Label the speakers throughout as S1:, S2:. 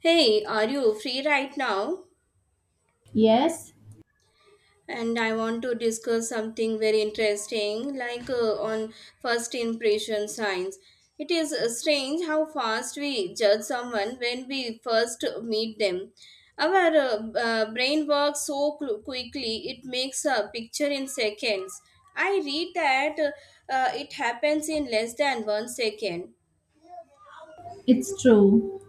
S1: Hey, are you free right now?
S2: Yes,
S1: And I want to discuss something very interesting, like on first impression signs. It is strange how fast we judge someone when we first meet them. Our brain works so quickly, it makes a picture in seconds. I read that it happens in less than 1 second.
S2: it's true.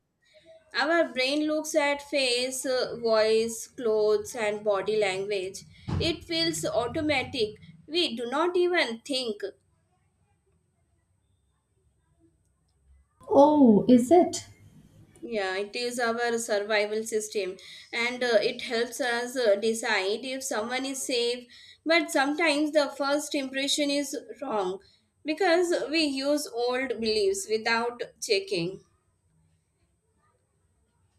S1: Our brain looks at face, voice, clothes, and body language. It feels automatic. We do not even think.
S2: Oh, is it?
S1: Yeah, it is our survival system and it helps us decide if someone is safe. But sometimes the first impression is wrong because we use old beliefs without checking.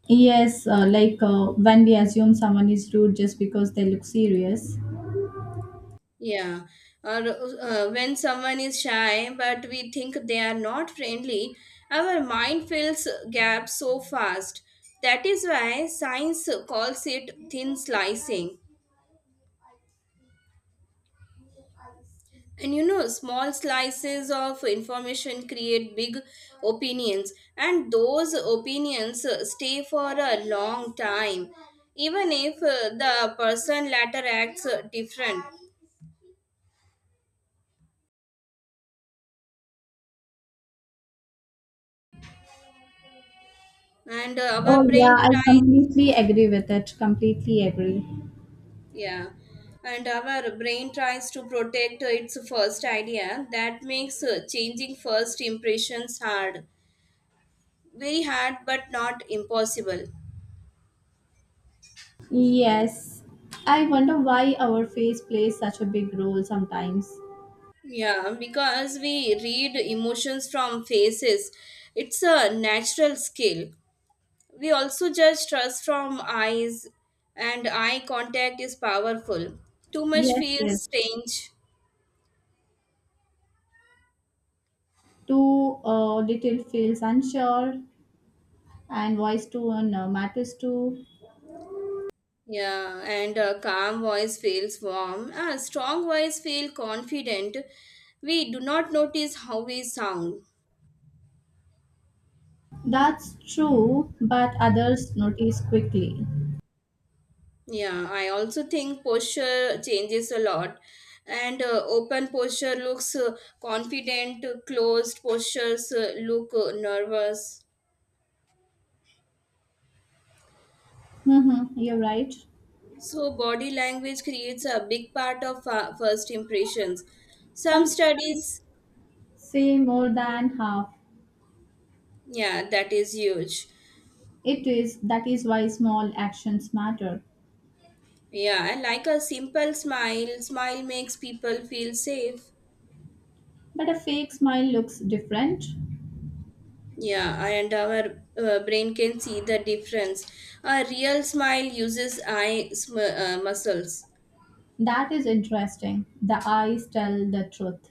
S2: Yes, like when we assume someone is rude just because they look serious.
S1: Yeah, or when someone is shy but we think they are not friendly, our mind fills gaps so fast. That is why science calls it thin slicing. And you know, small slices of information create big opinions, and those opinions stay for a long time, even if the person later acts different. And
S2: Oh,
S1: our brain
S2: yeah, I
S1: tries.
S2: completely agree with it. Completely agree.
S1: Yeah, and our brain tries to protect its first idea. That makes changing first impressions hard. Very hard, but not impossible.
S2: Yes, I wonder why our face plays such a big role sometimes.
S1: Yeah, because we read emotions from faces, it's a natural skill. We also judge trust from eyes, and eye contact is powerful. Too much
S2: Yes,
S1: feels
S2: yes.
S1: strange.
S2: Too little feels unsure, and voice tone matters too.
S1: Yeah, and a calm voice feels warm. A strong voice feels confident. We do not notice how we sound.
S2: That's true, but others notice quickly.
S1: Yeah, I also think posture changes a lot. And open posture looks confident, closed postures look nervous.
S2: Mm-hmm, you're right.
S1: So, body language creates a big part of first impressions. Some
S2: Sometimes
S1: studies,
S2: say more than half.
S1: yeah, that is huge.
S2: It is that is why small actions matter.
S1: Yeah, and like a simple smile, smile makes people feel safe.
S2: But a fake smile looks different.
S1: Yeah, and our brain can see the difference. A real smile uses eye muscles.
S2: That is interesting. The eyes tell the truth.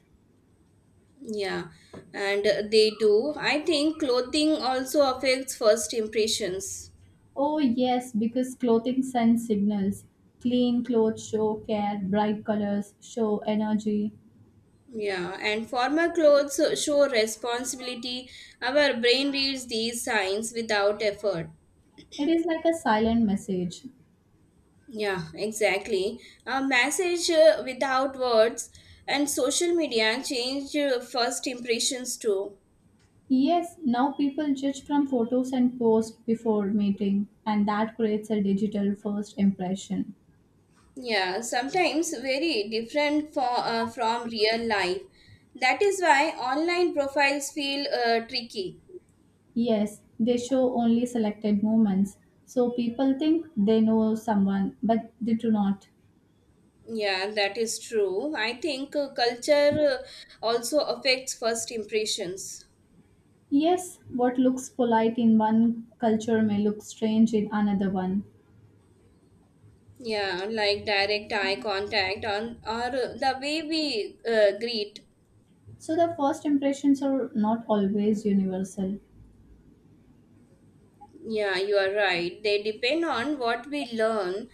S1: Yeah, and they do. I think clothing also affects first impressions.
S2: Oh yes, because clothing sends signals. Clean clothes show care, bright colors show energy.
S1: Yeah, and formal clothes show responsibility. Our brain reads these signs without effort.
S2: It is like a silent message.
S1: Yeah, exactly. A message without words and social media change first impressions too.
S2: Yes, now people judge from photos and posts before meeting, and that creates a digital first impression.
S1: Yeah, sometimes very different from real life. That is why online profiles feel tricky.
S2: Yes, they show only selected moments, so people think they know someone, but they do not.
S1: Yeah, that is true. I think culture also affects first impressions.
S2: Yes, what looks polite in one culture may look strange in another one.
S1: Yeah, like direct eye contact on or the way we greet.
S2: So the first impressions are not always universal.
S1: Yeah, you are right. They depend on what we learn.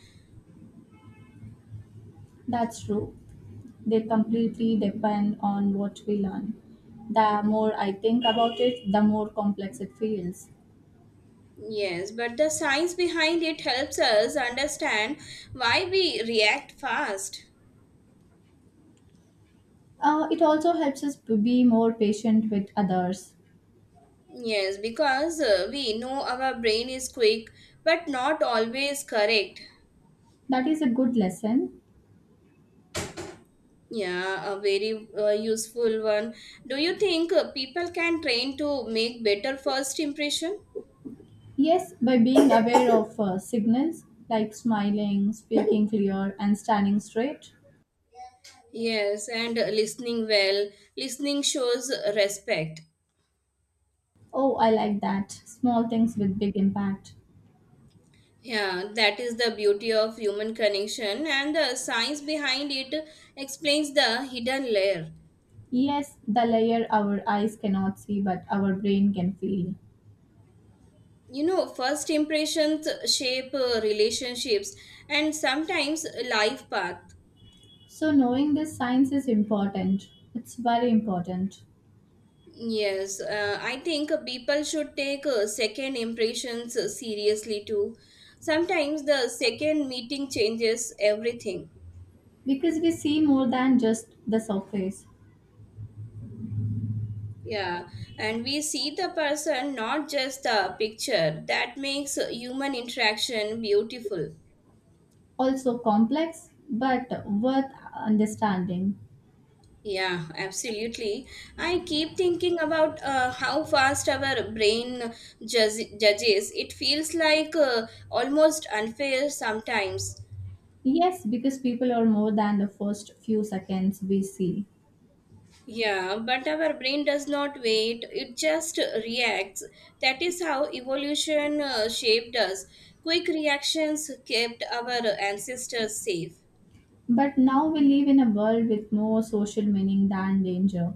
S2: That's true. They completely depend on what we learn. The more I think about it, the more complex it feels.
S1: Yes, but the science behind it helps us understand why we react fast.
S2: It also helps us to be more patient with others.
S1: Yes, because we know our brain is quick but not always correct.
S2: That is a good lesson.
S1: Yeah, a very useful one. Do you think people can train to make better first impression?
S2: Yes, by being aware of signals like smiling, speaking clear, and standing straight.
S1: Yes, and listening well. Listening shows respect.
S2: Oh, I like that. Small things with big impact.
S1: Yeah, that is the beauty of human connection, and the science behind it explains the hidden layer.
S2: Yes, the layer our eyes cannot see but our brain can feel.
S1: You know, first impressions shape relationships and sometimes life path.
S2: So, knowing this science is important. It's very important
S1: Yes, I think people should take second impressions seriously too. Sometimes the second meeting changes everything.
S2: because we see more than just the surface.
S1: Yeah, and we see the person, not just the picture. That makes human interaction beautiful.
S2: Also, complex but worth understanding.
S1: Yeah, absolutely. I keep thinking about how fast our brain judges. It feels like almost unfair sometimes.
S2: Yes, because people are more than the first few seconds we see.
S1: Yeah, but our brain does not wait, it just reacts. That is how evolution shaped us. Quick reactions kept our ancestors safe.
S2: But now we live in a world with more social meaning than danger.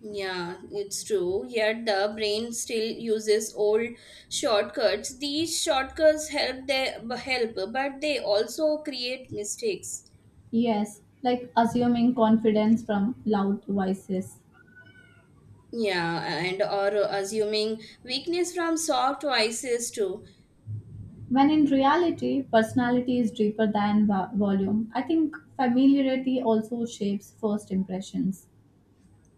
S1: Yeah, it's true. Yet the brain still uses old shortcuts. These shortcuts help they help, but they also create mistakes.
S2: Yes, like assuming confidence from loud voices.
S1: Yeah, and or assuming weakness from soft voices too.
S2: When in reality, personality is deeper than volume. I think familiarity also shapes first impressions.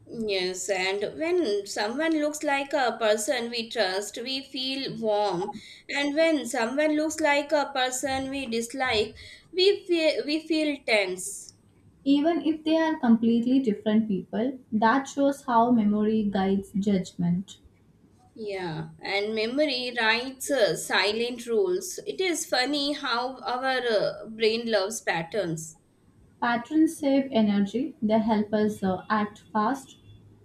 S1: Yes, and when someone looks like a person we trust, we feel warm. And when someone looks like a person we dislike, we feel tense.
S2: Even if they are completely different people, that shows how memory guides judgment.
S1: Yeah, and memory writes silent rules. It is funny how our brain loves patterns.
S2: Patterns save energy, they help us act fast,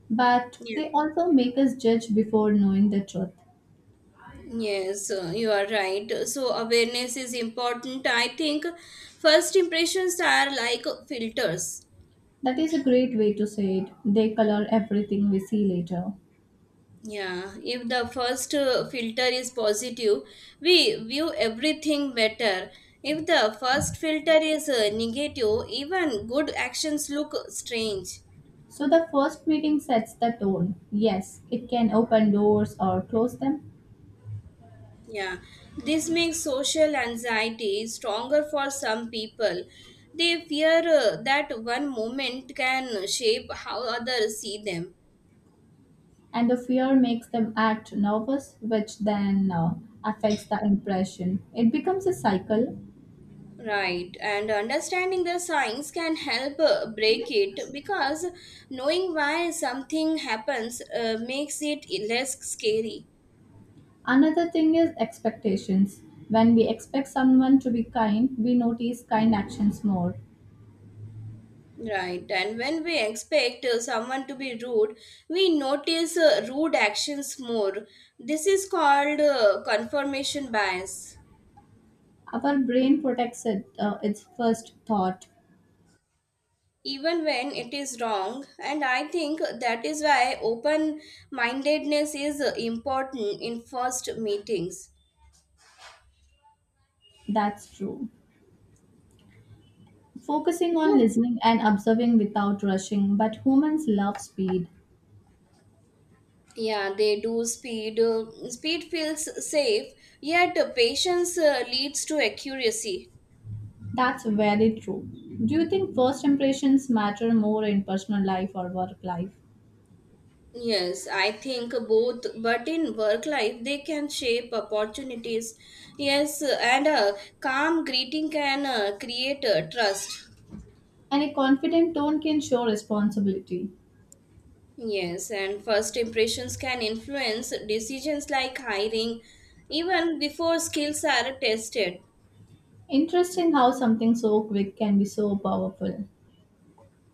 S2: but
S1: Yeah.
S2: they also make us judge before knowing the truth.
S1: Yes, you are right. So, awareness is important. I think first impressions are like filters.
S2: That is a great way to say it. They color everything we see later.
S1: Yeah, if the first filter is positive, we view everything better. If the first filter is negative, even good actions look strange.
S2: So the first meeting sets the tone. Yes, it can open doors or close them,
S1: Yeah, this makes social anxiety stronger for some people. They fear that one moment can shape how others see them.
S2: and the fear makes them act nervous, which then affects the impression. It becomes a cycle.
S1: Right, and understanding the signs can help break it because knowing why something happens makes it less scary.
S2: Another thing is expectations. When we expect someone to be kind, we notice kind actions more.
S1: Right, and when we expect someone to be rude, we notice rude actions more. This is called confirmation bias.
S2: Our brain protects its first thought.
S1: Even when it is wrong, and I think that is why open mindedness is important in first meetings.
S2: That's true.
S1: You
S2: Focusing on
S1: know,
S2: listening and observing without rushing, but humans love speed.
S1: yeah, they do speed speed feels safe, yet patience leads to accuracy.
S2: That's very true. Do you think first impressions matter more in personal life or work life?
S1: Yes, I think both, but in work life they can shape opportunities. Yes, and a calm greeting can create trust.
S2: And a confident tone can show responsibility.
S1: Yes, and first impressions can influence decisions like hiring even before skills are tested.
S2: Interesting how something so quick can be so powerful.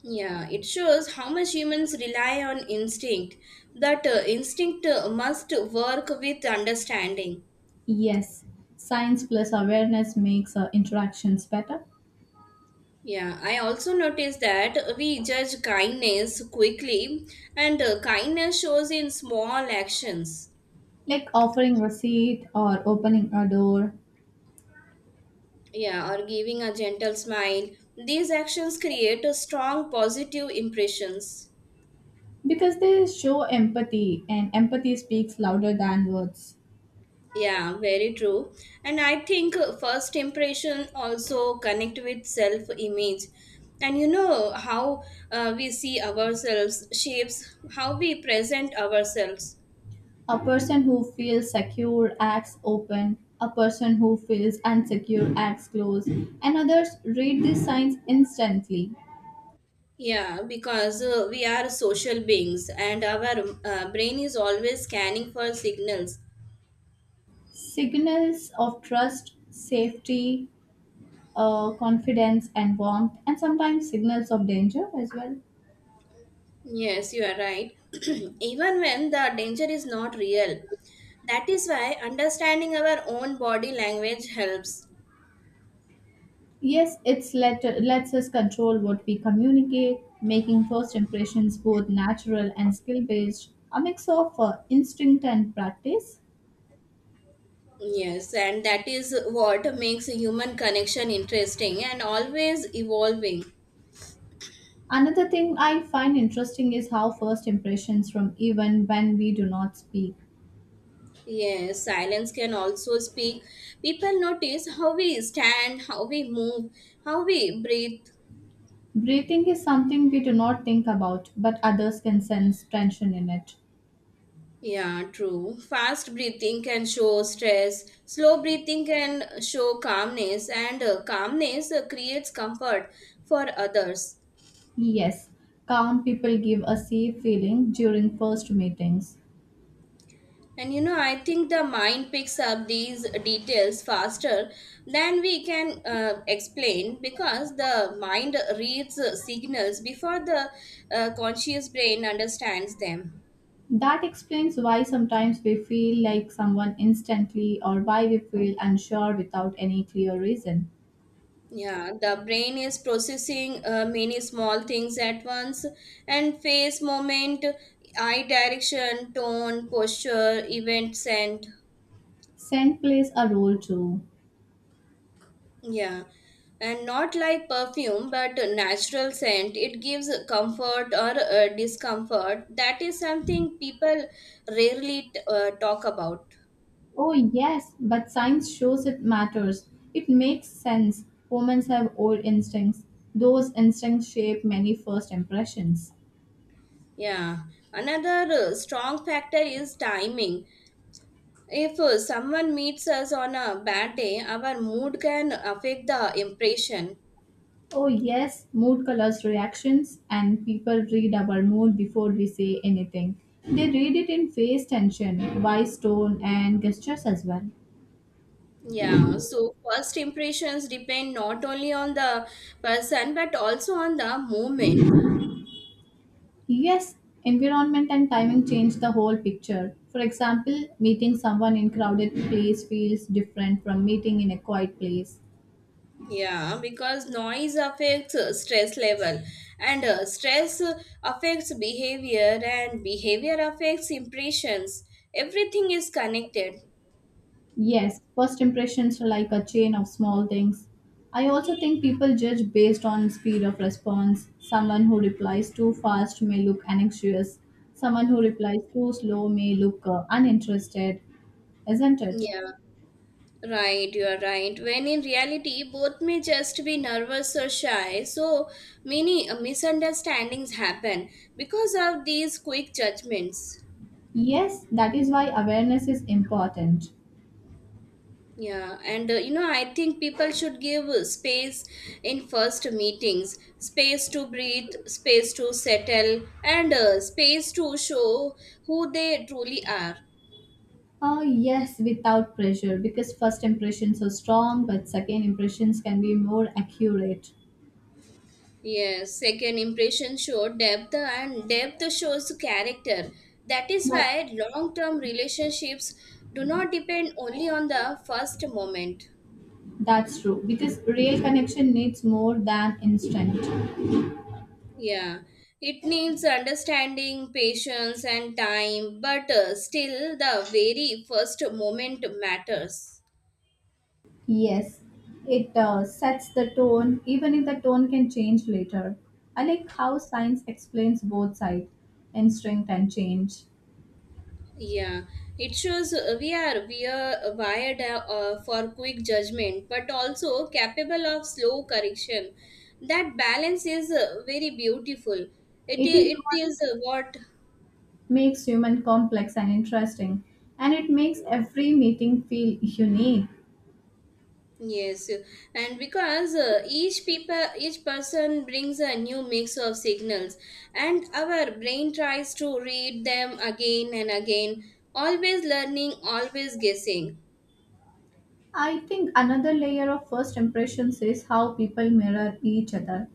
S1: Yeah, it shows how much humans rely on instinct. That instinct must work with understanding.
S2: Yes, science plus awareness makes interactions better,
S1: Yeah, I also noticed that we judge kindness quickly, and kindness shows in small actions.
S2: like offering a seat or opening a door,
S1: Yeah, or giving a gentle smile. These actions create a strong positive impressions.
S2: because they show empathy, and empathy speaks louder than words.
S1: Yeah, very true. And I think first impression also connect with self image. And you know how we see ourselves shapes how we present ourselves.
S2: A person who feels secure acts open, a person who feels unsecure acts closed, and others read these signs instantly.
S1: Yeah, because we are social beings and our brain is always scanning for signals.
S2: Signals of trust, safety, confidence, and warmth, and sometimes signals of danger as well.
S1: Yes, you are right. Even when the danger is not real. That is why understanding our own body language helps.
S2: Yes, it's let lets us control what we communicate, making first impressions both natural and skill based, a mix of instinct and practice.
S1: Yes, and that is what makes human connection interesting and always evolving.
S2: Another thing I find interesting is how first impressions from even when we do not speak.
S1: Yes, silence can also speak. People notice how we stand, how we move, how we breathe.
S2: Breathing is something we do not think about, but others can sense tension in it.
S1: Yeah, true. Fast breathing can show stress, slow breathing can show calmness, and calmness creates comfort for others.
S2: Yes, calm people give a safe feeling during first meetings.
S1: And you know, I think the mind picks up these details faster than we can explain because the mind reads signals before the conscious brain understands them.
S2: That explains why sometimes we feel like someone instantly or why we feel unsure without any clear reason.
S1: Yeah, the brain is processing many small things at once, and face, moment, eye direction, tone, posture, event, scent.
S2: Scent plays a role too.
S1: Yeah, and not like perfume, but a natural scent. It gives comfort or discomfort. That is something people rarely talk about.
S2: Oh, yes, but science shows it matters. It makes sense. Women have old instincts. Those instincts shape many first impressions.
S1: Yeah, another strong factor is timing. If someone meets us on a bad day, our mood can affect the impression.
S2: Oh, yes, mood colors reactions, and people read our mood before we say anything. They read it in face tension, voice tone, and gestures as well.
S1: Yeah, so first impressions depend not only on the person but also on the moment.
S2: Yes, environment and timing change the whole picture. For example, meeting someone in crowded place feels different from meeting in a quiet place.
S1: Yeah, because noise affects stress level, and stress affects behavior, and behavior affects impressions. Everything is connected.
S2: Yes, first impressions are like a chain of small things. I also think people judge based on speed of response. Someone who replies too fast may look anxious. Someone who replies too slow may look uninterested, isn't it?
S1: Yeah, right, you are right. When in reality, both may just be nervous or shy, so many misunderstandings happen because of these quick judgments.
S2: Yes, that is why awareness is important.
S1: Yeah, and you know, I think people should give space in first meetings, space to breathe, space to settle, and space to show who they truly are.
S2: Yes, without pressure, because first impressions are strong, but second impressions can be more accurate.
S1: Yes, second impression show depth, and depth shows character. That is
S2: But
S1: why long term relationships do not depend only on the first moment.
S2: that's true, because real connection needs more than instant.
S1: Yeah, it needs understanding, patience, and time, but still, the very first moment matters.
S2: Yes, it sets the tone, even if the tone can change later. I like how science explains both sides, instinct and change.
S1: Yeah, it shows we are wired for quick judgment, but also capable of slow correction. That balance is very beautiful.
S2: It is
S1: It
S2: what
S1: is what.
S2: makes human complex and interesting, and it makes every meeting feel unique.
S1: Yes, and because each person brings a new mix of signals, and our brain tries to read them again and again, always learning, always guessing.
S2: I think another layer of first impressions is how people mirror each other.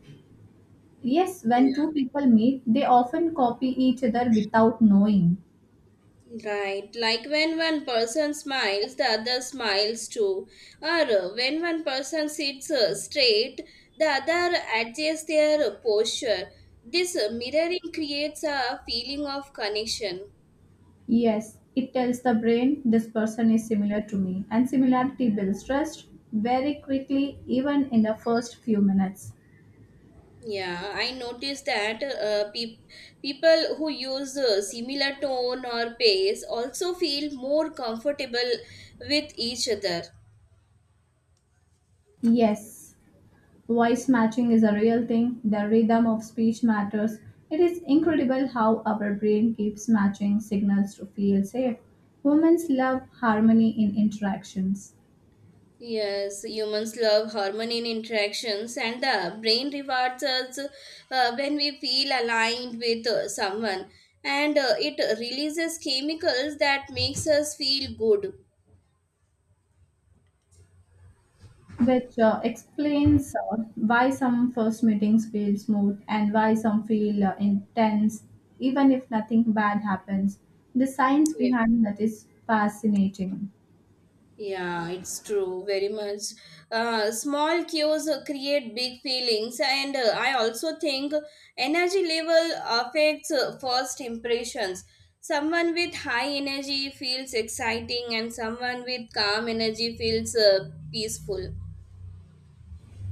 S2: Yes, when two
S1: Yeah.
S2: people meet, they often copy each other without knowing.
S1: Right, like when one person smiles, the other smiles too. Or when one person sits straight, the other adjusts their posture. This mirroring creates a feeling of connection.
S2: Yes, it tells the brain this person is similar to me, and similarity builds trust very quickly, even in the first few minutes.
S1: Yeah, I noticed that pe people who use similar tone or pace also feel more comfortable with each other.
S2: Yes, voice matching is a real thing, the rhythm of speech matters. It is incredible how our brain keeps matching signals to feel safe. Humans love harmony in interactions.
S1: Yes, humans love harmony in interactions, and the brain rewards us when we feel aligned with someone, and it releases chemicals that makes us feel good.
S2: Which explains why some first meetings feel smooth and why some feel intense, even if nothing bad happens. The science
S1: Yes.
S2: behind that is fascinating.
S1: Yeah, it's true, very much. Small cues create big feelings, and I also think energy level affects first impressions. Someone with high energy feels exciting, and someone with calm energy feels peaceful.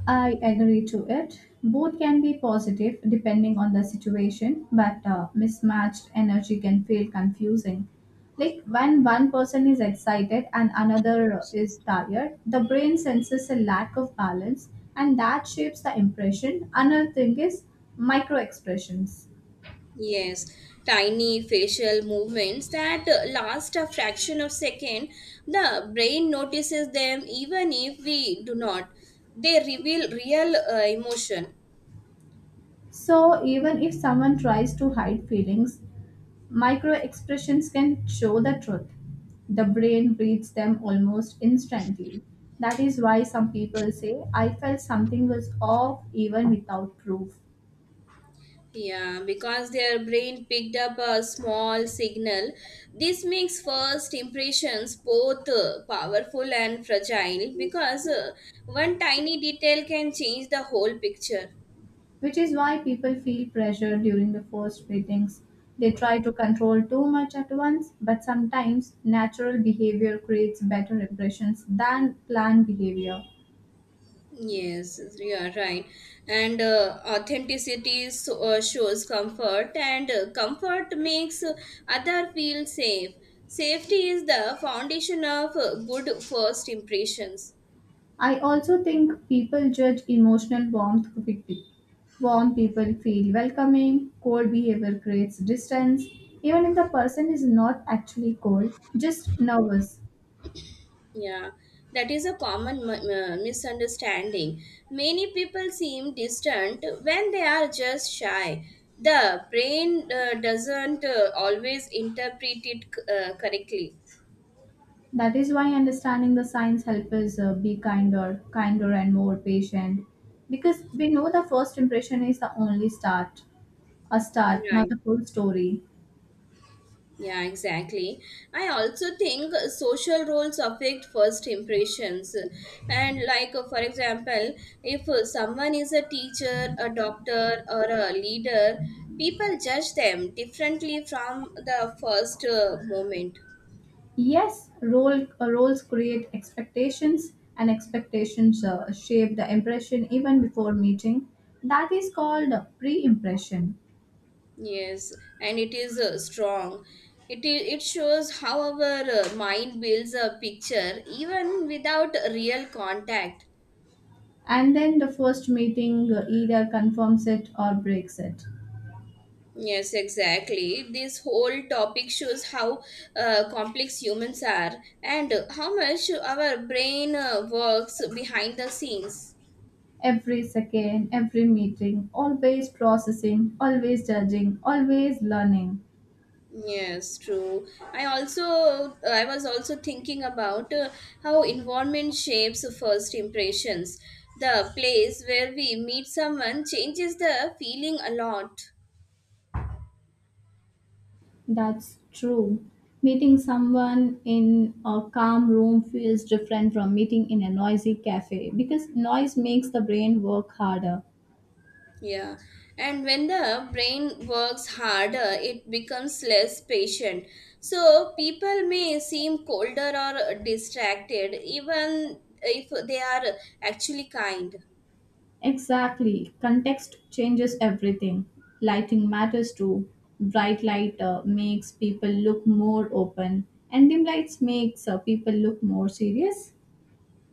S2: I agree to it. Both can be positive depending on the situation, but mismatched energy can feel confusing. Like when one person is excited and another is tired, the brain senses a lack of balance and that shapes the impression. Another thing is micro expressions.
S1: Yes, tiny facial movements that last a fraction of second, the brain notices them even if we do not. They reveal real emotion.
S2: So even if someone tries to hide feelings, micro expressions can show the truth. The brain reads them almost instantly. That is why some people say, I felt something was off even without proof,
S1: Yeah, because their brain picked up a small signal. This makes first impressions both powerful and fragile because one tiny detail can change the whole picture.
S2: which is why people feel pressure during the first meetings. They try to control too much at once, but sometimes natural behavior creates better impressions than planned behavior.
S1: Yes, you are right. And authenticity so, shows comfort, and comfort makes other feel safe. Safety is the foundation of good first impressions.
S2: I also think people judge emotional warmth quickly. Warm people feel welcoming, cold behavior creates distance, even if the person is not actually cold, just nervous.
S1: Yeah, that is a common misunderstanding. Many people seem distant when they are just shy. The brain doesn't always interpret it correctly.
S2: That is why understanding the signs help us be kinder, kinder and more patient because we know the first impression is the only start, a start, not
S1: Right.
S2: the full story.
S1: Yeah, exactly. I also think social roles affect first impressions. For example, if someone is a teacher, a doctor, or a leader, people judge them differently from the first moment.
S2: Yes, roles create expectations, and expectations shape the impression even before meeting. That is called pre impression.
S1: Yes, and it is strong. It shows how our mind builds a picture even without real contact.
S2: And then the first meeting either confirms it or breaks it.
S1: Yes, exactly. This whole topic shows how complex humans are and how much our brain works behind the scenes.
S2: Every second, every meeting, always processing, always judging, always learning.
S1: Yes, true. I was also thinking about how environment shapes first impressions. The place where we meet someone changes the feeling a lot.
S2: That's true. Meeting someone in a calm room feels different from meeting in a noisy cafe because noise makes the brain work harder.
S1: Yeah, and when the brain works harder, it becomes less patient. So people may seem colder or distracted, even if they are actually kind.
S2: Exactly. Context changes everything. Lighting matters too. Bright light makes people look more open, and dim lights makes people look more serious.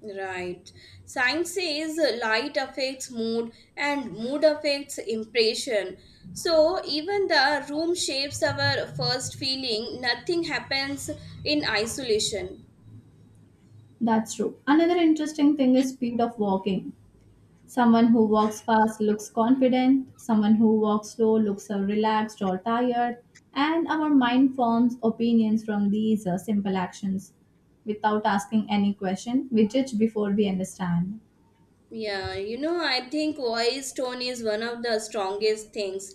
S1: Right. Science says light affects mood and mood affects impression. So even the room shapes our first feeling, nothing happens in isolation.
S2: That's true. Another interesting thing is speed of walking. Someone who walks fast looks confident, someone who walks slow looks relaxed or tired, and our mind forms opinions from these simple actions. Without asking any question, we judge before we understand.
S1: Yeah, I think voice tone is one of the strongest things.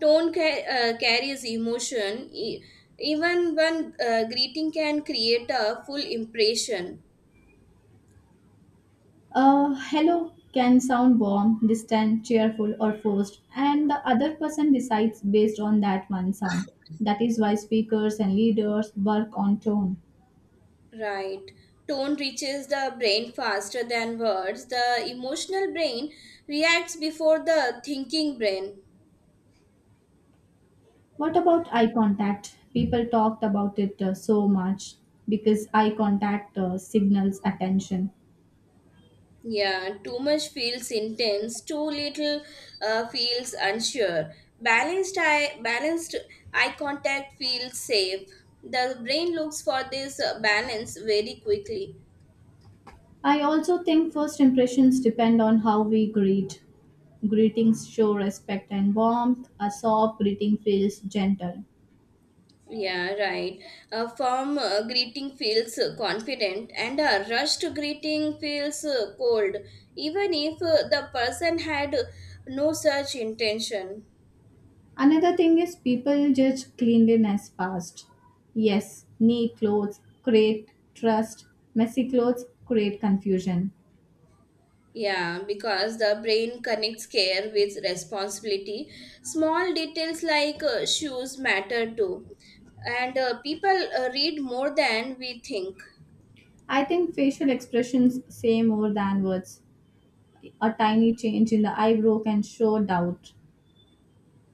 S1: Tone carries emotion. Even one greeting can create a full impression.
S2: Hello can sound warm, distant, cheerful, or forced, and the other person decides based on that one sound. That is why speakers and leaders work on tone.
S1: Right. Tone reaches the brain faster than words. The emotional brain reacts before the thinking brain.
S2: What about eye contact? People talked about it so much because eye contact signals attention.
S1: Yeah, too much feels intense, too little feels unsure. Balanced eye contact feels safe. The brain looks for this balance very quickly.
S2: I also think first impressions depend on how we greet. Greetings show respect and warmth. A soft greeting feels gentle.
S1: Yeah, right. A firm greeting feels confident, and a rushed greeting feels cold, even if the person had no such intention.
S2: Another thing is people judge cleanliness fast. Yes, neat clothes create trust, messy clothes create confusion.
S1: Yeah, because the brain connects care with responsibility. Small details like shoes matter too. And people read more than we think.
S2: I think facial expressions say more than words. A tiny change in the eyebrow can show doubt.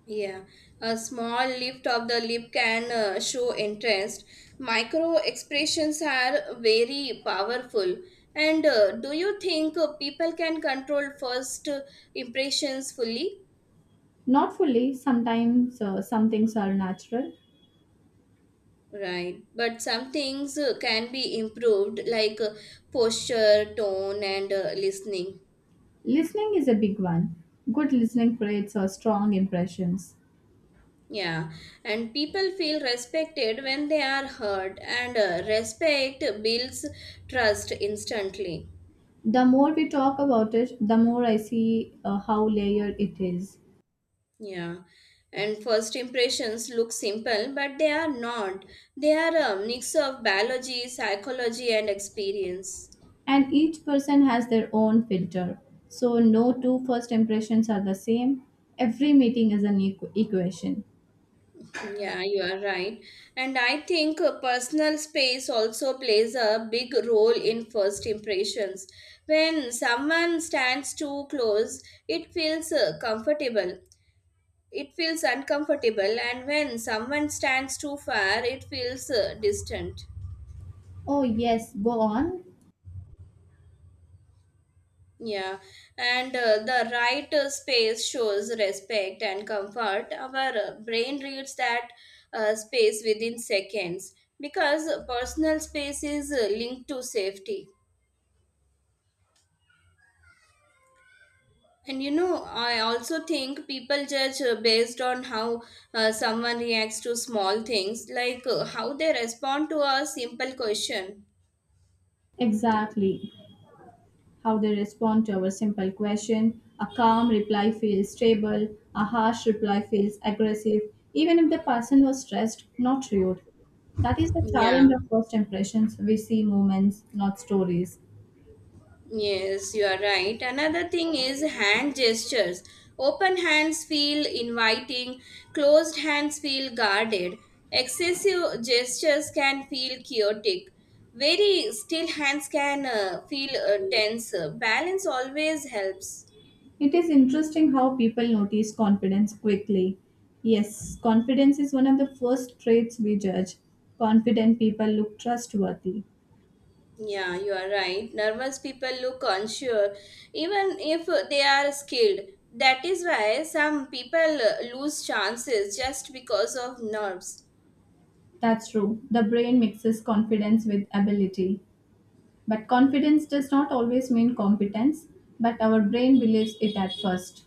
S1: Yeah, a small lift of the lip can show interest. Micro expressions are very powerful. And do you think people can control first impressions fully?
S2: Not fully, sometimes some things are natural.
S1: Right, but some things can be improved, like posture, tone, and listening.
S2: Listening is a big one. Good listening creates strong impressions.
S1: Yeah, and people feel respected when they are heard, and respect builds trust instantly.
S2: The more we talk about it, the more I see how layered it is.
S1: Yeah, and first impressions look simple, but they are not. They are a mix of biology, psychology, and experience.
S2: And each person has their own filter. So, no two first impressions are the same. Every meeting is an equation.
S1: Yeah, you are right. And I think personal space also plays a big role in first impressions. When someone stands too close, it feels comfortable. It feels uncomfortable. And when someone stands too far, it feels distant.
S2: Oh, yes, go on.
S1: Yeah, and the right space shows respect and comfort. Our brain reads that space within seconds because personal space is linked to safety. And you know, I also think people judge based on how someone reacts to small things, like how they respond to a simple question.
S2: Exactly. How they respond to our simple question. A calm reply feels stable, a harsh reply feels aggressive, even if the person was stressed, not rude. That is the
S1: Yeah.
S2: challenge of first impressions. We see moments, not stories.
S1: Yes, you are right. Another thing is hand gestures. Open hands feel inviting, closed hands feel guarded. Excessive gestures can feel chaotic. Very still hands can feel tense. Balance always helps.
S2: It is interesting how people notice confidence quickly. Yes, confidence is one of the first traits we judge. Confident people look trustworthy.
S1: Yeah, you are right. Nervous people look unsure, even if they are skilled. That is why some people lose chances just because of nerves.
S2: That's true. The brain mixes confidence with ability. But confidence does not always mean competence, but our brain believes it at first.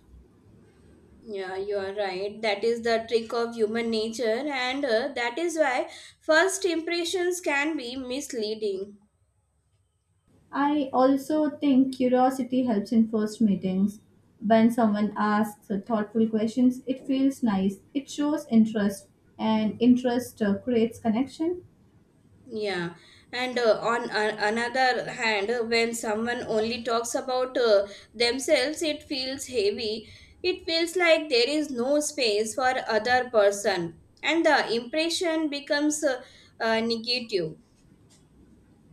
S1: Yeah, you are right. That is the trick of human nature, and that is why first impressions can be misleading.
S2: I also think curiosity helps in first meetings. When someone asks thoughtful questions, it feels nice. It shows interest, and interest creates connection.
S1: Yeah, and on another hand, when someone only talks about themselves, it feels heavy. It feels like there is no space for other person, and the impression becomes negative.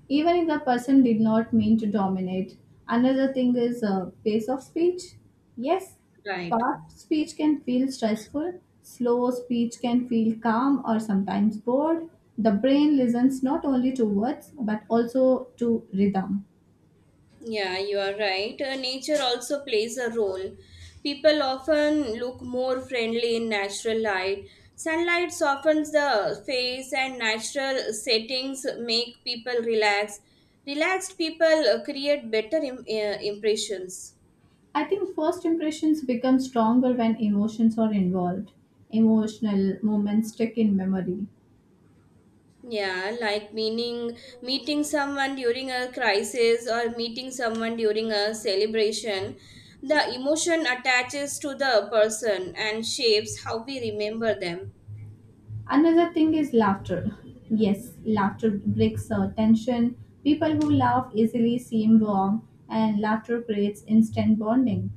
S2: Even if the person did not mean to dominate. Another thing is pace of speech. Yes,
S1: Right.
S2: fast speech can feel stressful, slow speech can feel calm or sometimes bored. The brain listens not only to words but also to rhythm.
S1: Yeah, you are right. Nature also plays a role. People often look more friendly in natural light. Sunlight softens the face, and natural settings make people relax. Relaxed people create better impressions.
S2: I think first impressions become stronger when emotions are involved. Emotional moments stick in memory.
S1: Yeah, like meaning meeting someone during a crisis or meeting someone during a celebration. The emotion attaches to the person and shapes how we remember them.
S2: Another thing is laughter. Yes, laughter breaks tension. People who laugh easily seem warm, and laughter creates instant bonding.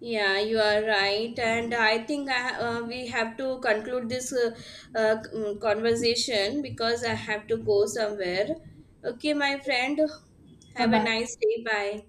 S1: Yeah, you are right, and I think we have to conclude this conversation because I have to go somewhere. Okay, my friend,
S2: Bye
S1: have a
S2: bye.
S1: nice day. Bye.